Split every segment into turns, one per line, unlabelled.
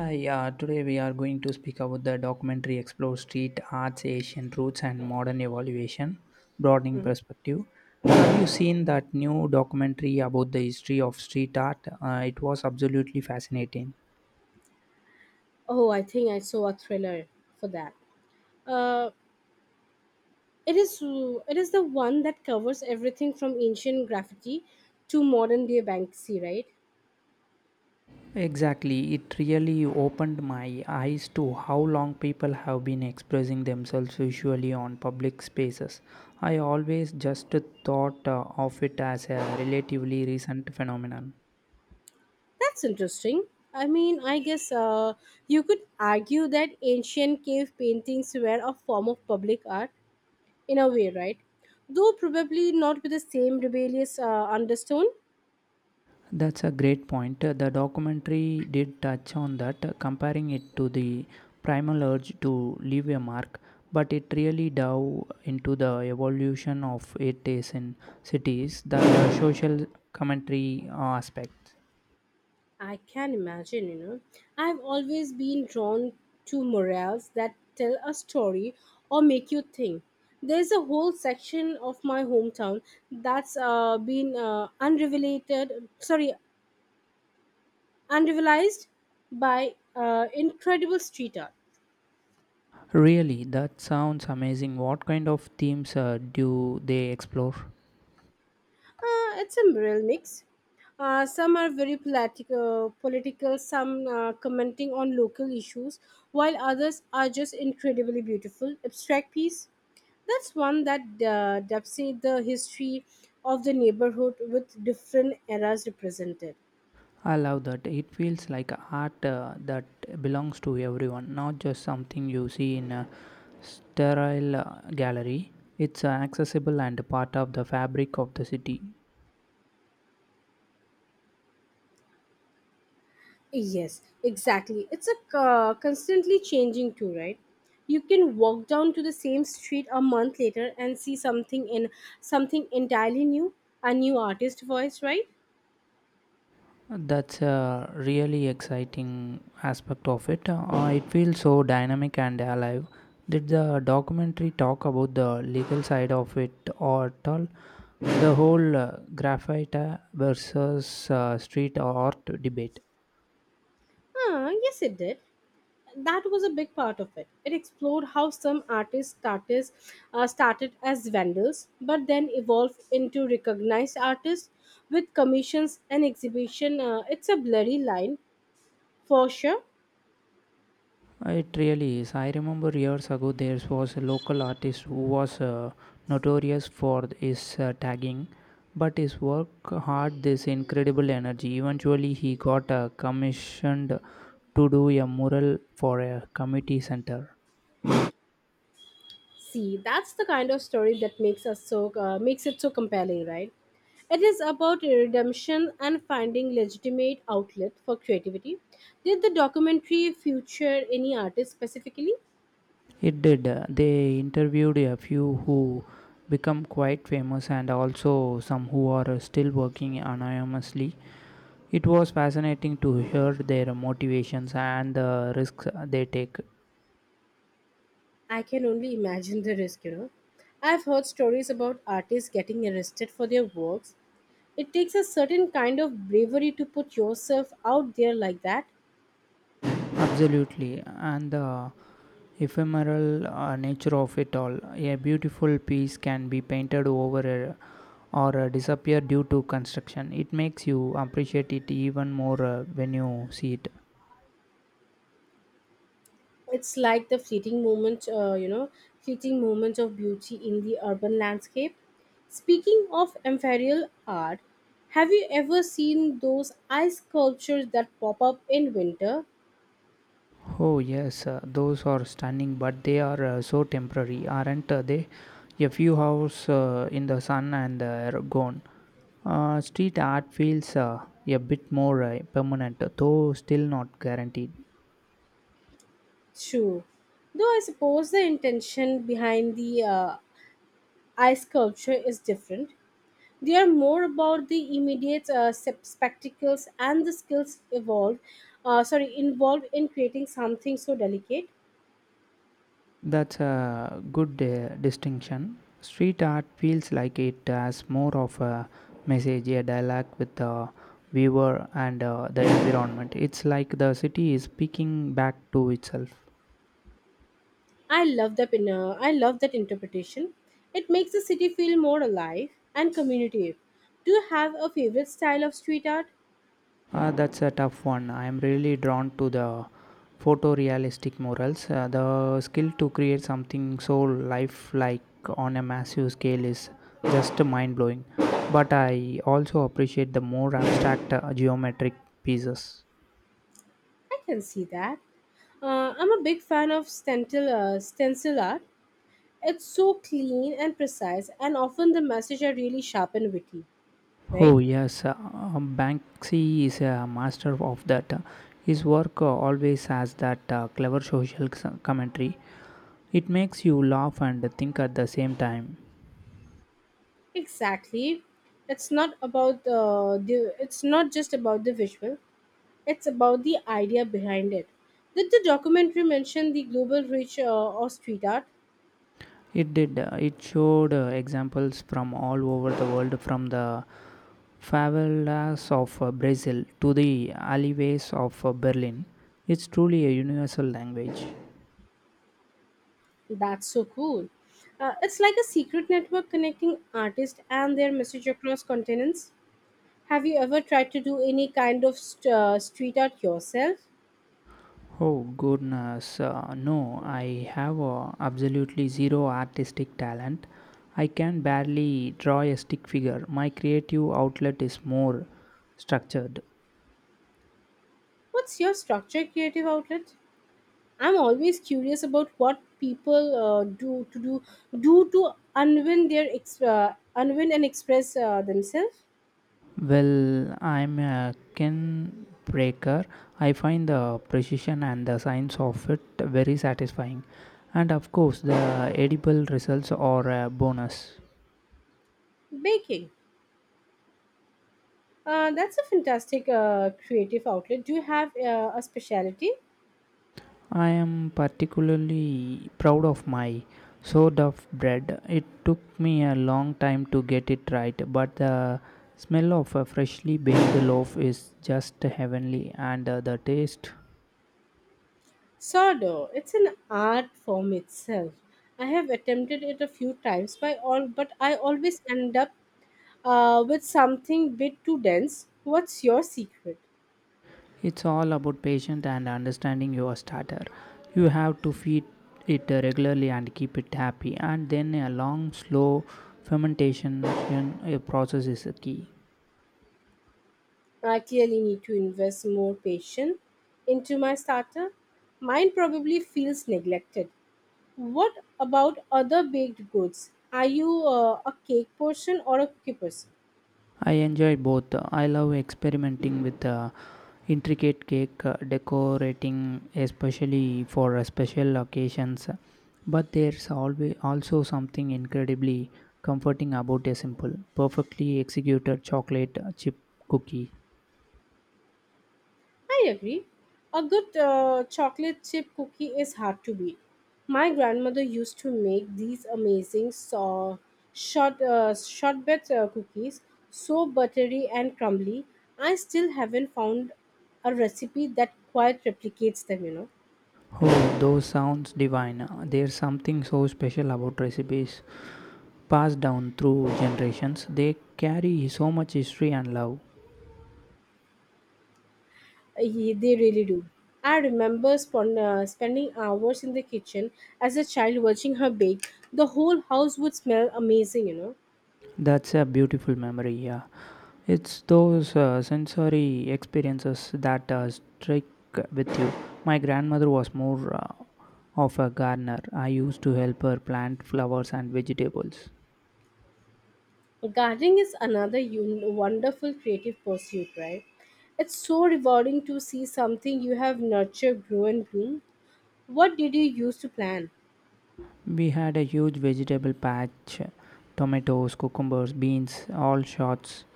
Hi, yeah, today we are going to speak about the documentary Explore Street Art's Asian Roots and Modern Evaluation, Broadening Perspective. Have you seen that new documentary about the history of street art? It was absolutely fascinating.
Oh, I think I saw a thriller for that. Uh, it is it is the one that covers everything from ancient graffiti to modern day Banksy, right?
Exactly, it really opened my eyes to how long people have been expressing themselves visually on public spaces. I always just thought of it as a relatively recent phenomenon.
That's interesting. I mean, I guess you could argue that ancient cave paintings were a form of public art in a way, right? Though probably not with the same rebellious undertone.
That's a great point. The documentary did touch on that, comparing it to the primal urge to leave a mark, but it really dove into the evolution of it is in cities, the social commentary aspect.
I can imagine, you know. I've always been drawn to murals that tell a story or make you think. There's a whole section of my hometown that's been unrevelated, sorry, unrevelized by incredible street art.
Really, that sounds amazing. What kind of themes do they explore?
It's a real mix. Some are very political, some commenting on local issues, while others are just incredibly beautiful, abstract piece. That's one that depicts the history of the neighborhood with different eras represented.
I love that. It feels like art that belongs to everyone, not just something you see in a sterile gallery. It's accessible and part of the fabric of the city.
Yes, exactly. It's a constantly changing too, right? You can walk down to the same street a month later and see something entirely new, a new artist voice, right?
That's a really exciting aspect of it. It feels so dynamic and alive. Did the documentary talk about the legal side of it or at all? The whole graffiti versus street art debate.
Ah, yes, it did. That was a big part of it. It explored how some started as vendors, but then evolved into recognized artists with commissions and exhibition. It's a blurry line for sure.
It really is. I remember years ago there was a local artist who was notorious for his tagging, but his work had this incredible energy. Eventually, he got commissioned to do a mural for a community center.
See, that's the kind of story that makes it so compelling, right? It is about redemption and finding legitimate outlet for creativity. Did the documentary feature any artist specifically?
It did. They interviewed a few who become quite famous and also some who are still working anonymously. It was fascinating to hear their motivations and the risks they take.
I can only imagine the risk, you know. I've heard stories about artists getting arrested for their works. It takes a certain kind of bravery to put yourself out there like that.
Absolutely, and the ephemeral nature of it all. A beautiful piece can be painted over, or disappear due to construction. It makes you appreciate it even more when you see it.
It's like the fleeting moment of beauty in the urban landscape. Speaking of amphoterial art, have you ever seen those ice sculptures that pop up in winter?
Oh, yes, those are stunning, but they are so temporary, aren't they? A few hours in the sun and are gone. Street art feels a bit more permanent, though still not guaranteed.
True. Though I suppose the intention behind the ice sculpture is different. They are more about the immediate spectacles and the involved in creating something so delicate.
That's a good distinction. Street art feels like it has more of a message, a dialogue with the viewer and the environment. It's like the city is speaking back to itself.
I love that interpretation. It makes the city feel more alive and community. Do you have a favorite style of street art?
That's a tough one. I'm really drawn to the photorealistic murals. The skill to create something so lifelike on a massive scale is just mind blowing. But I also appreciate the more abstract geometric pieces.
I can see that. I'm a big fan of stencil art. It's so clean and precise, and often the message are really sharp and witty,
Oh,
right?
yes, Banksy is a master of that. His work always has that clever social commentary. It makes you laugh and think at the same time.
Exactly. It's not just about the visual. It's about the idea behind it. Did the documentary mention the global reach of street art?
It did. It showed examples from all over the world, from the favelas of Brazil to the alleyways of Berlin. It's truly a universal language.
That's so cool. It's like a secret network connecting artists and their message across continents. Have you ever tried to do any kind of street art yourself?
Oh goodness, no, I have absolutely zero artistic talent. I can barely draw a stick figure. My creative outlet is more structured.
What's your structure creative outlet? I'm always curious about what people do to unwin and express themselves.
Well, I'm a ken breaker. I find the precision and the science of it very satisfying. And of course, the edible results are a bonus.
Baking, that's a fantastic creative outlet. Do you have a specialty?
I am particularly proud of my sourdough of bread. It took me a long time to get it right, but the smell of a freshly baked loaf is just heavenly, and the taste.
Sourdough, it's an art form itself. I have attempted it a few times, by all, but I always end up with something bit too dense. What's your secret?
It's all about patience and understanding your starter. You have to feed it regularly and keep it happy, and then a long, slow fermentation process is a key.
I clearly need to invest more patience into my starter. Mine probably feels neglected. What about other baked goods? Are you a cake person or a cookie person?
I enjoy both. I love experimenting with intricate cake decorating, especially for special occasions. But there's always also something incredibly comforting about a simple, perfectly executed chocolate chip cookie.
I agree. A good chocolate chip cookie is hard to beat. My grandmother used to make these amazing shortbread cookies, so buttery and crumbly. I still haven't found a recipe that quite replicates them, you know.
Oh, those sounds divine. There's something so special about recipes passed down through generations. They carry so much history and love.
They really do. I remember spending hours in the kitchen as a child watching her bake. The whole house would smell amazing, you know.
That's a beautiful memory, yeah. It's those sensory experiences that strike with you. My grandmother was more of a gardener. I used to help her plant flowers and vegetables.
Gardening is another wonderful creative pursuit, right? It's so rewarding to see something you have nurtured grow and bloom. What did you use to plan?
We had a huge vegetable patch tomatoes, cucumbers, beans, all sorts,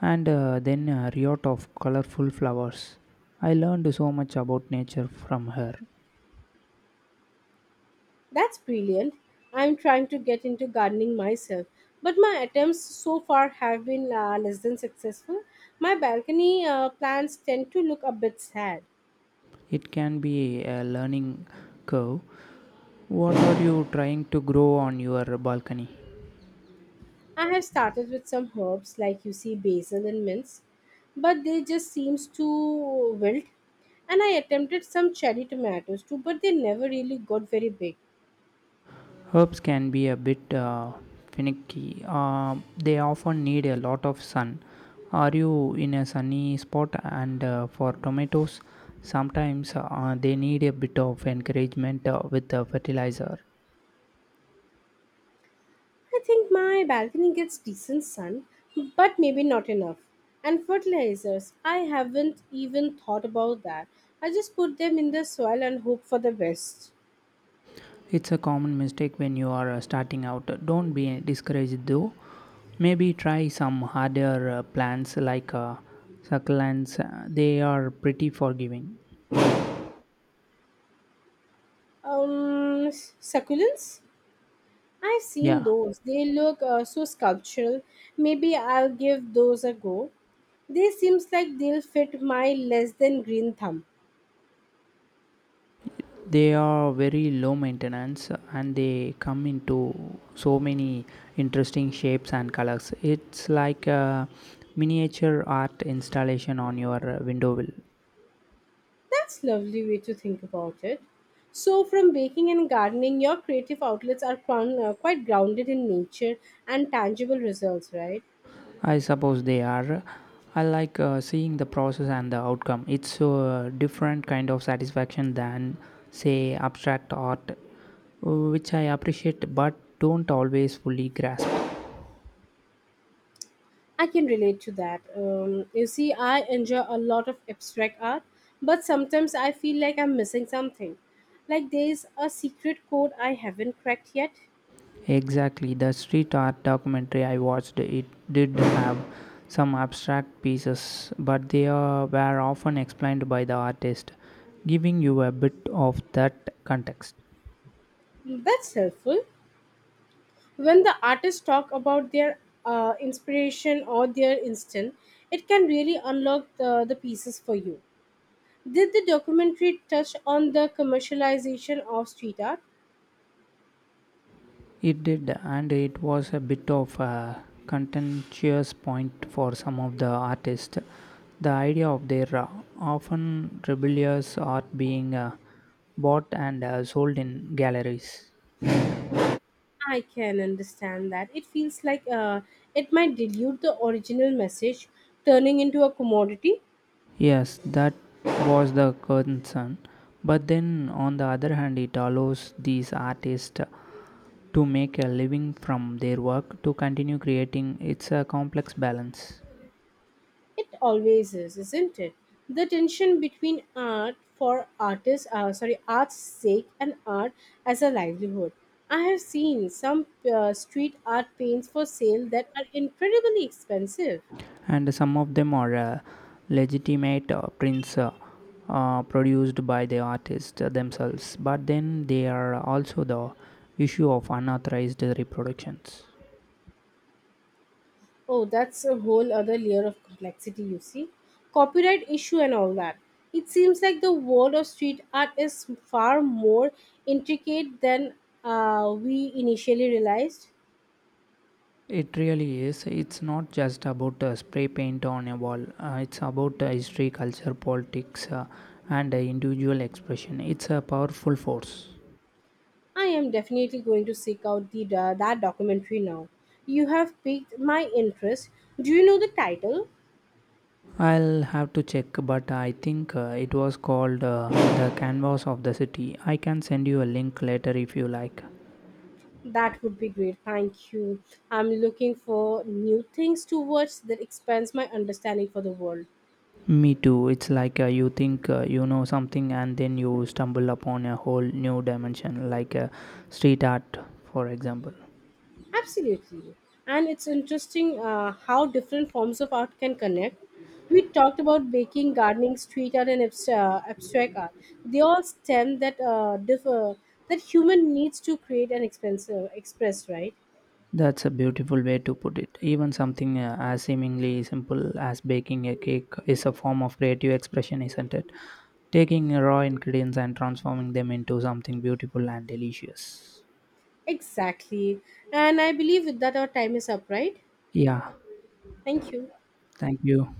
and then a riot of colorful flowers. I learned so much about nature from her.
That's brilliant. I'm trying to get into gardening myself, but my attempts so far have been less than successful. My balcony plants tend to look a bit sad.
It can be a learning curve. What are you trying to grow on your balcony?
I have started with some herbs like you see basil and mint, but they just seems to wilt. And I attempted some cherry tomatoes too, but they never really got very big.
Herbs can be a bit finicky. They often need a lot of sun. Are you in a sunny spot? And for tomatoes, sometimes they need a bit of encouragement with a fertilizer.
I think my balcony gets decent sun, but maybe not enough. And fertilizers, I haven't even thought about that. I just put them in the soil and hope for the best.
It's a common mistake when you are starting out. Don't be discouraged though. Maybe try some harder plants like succulents. They are pretty forgiving.
Succulents? I've seen
Yeah.
those. They look so sculptural. Maybe I'll give those a go. They seems like they'll fit my less than green thumb.
They are very low maintenance and they come into so many interesting shapes and colors. It's like a miniature art installation on your window wheel.
That's lovely way to think about it. So from baking and gardening, your creative outlets are quite grounded in nature and tangible results, right?
I suppose they are. I like seeing the process and the outcome. It's a different kind of satisfaction than, say, abstract art, which I appreciate but don't always fully grasp.
I can relate to that. You see, I enjoy a lot of abstract art, but sometimes I feel like I'm missing something. Like there's a secret code I haven't cracked yet.
Exactly, the street art documentary I watched, it did have some abstract pieces, but they were often explained by the artist, giving you a bit of that context.
That's helpful. When the artists talk about their inspiration or their instant, it can really unlock the pieces for you. Did the documentary touch on the commercialization of street art?
It did, and it was a bit of a contentious point for some of the artists. The idea of their often rebellious art being bought and sold in galleries.
I can understand that. It feels like it might dilute the original message, turning into a commodity.
Yes, that was the concern. But then, on the other hand, it allows these artists to make a living from their work to continue creating. It's a complex balance.
It always is, isn't it? The tension between art's sake and art as a livelihood. I have seen some street art paints for sale that are incredibly expensive.
And some of them are legitimate prints produced by the artists themselves. But then, they are also the issue of unauthorized reproductions.
Oh, that's a whole other layer of complexity, you see. Copyright issue and all that. It seems like the world of street art is far more intricate than we initially realized.
It really is. It's not just about spray paint on a wall. It's about history, culture, politics, and individual expression. It's a powerful force.
I am definitely going to seek out that documentary now. You have piqued my interest. Do you know the title?
I'll have to check, but I think it was called the canvas of the city. I can send you a link later if you like.
That would be great. Thank you. I'm looking for new things to watch that expands my understanding for the world.
Me too. It's like you think you know something and then you stumble upon a whole new dimension, like street art, for example.
Absolutely. And it's interesting how different forms of art can connect. We talked about baking, gardening, street art, and abstract art. They all stem that differ that human needs to create and express, right?
That's a beautiful way to put it. Even something as seemingly simple as baking a cake is a form of creative expression, isn't it? Taking raw ingredients and transforming them into something beautiful and delicious.
Exactly. And I believe with that our time is up, right?
Yeah,
Thank you.
thank you.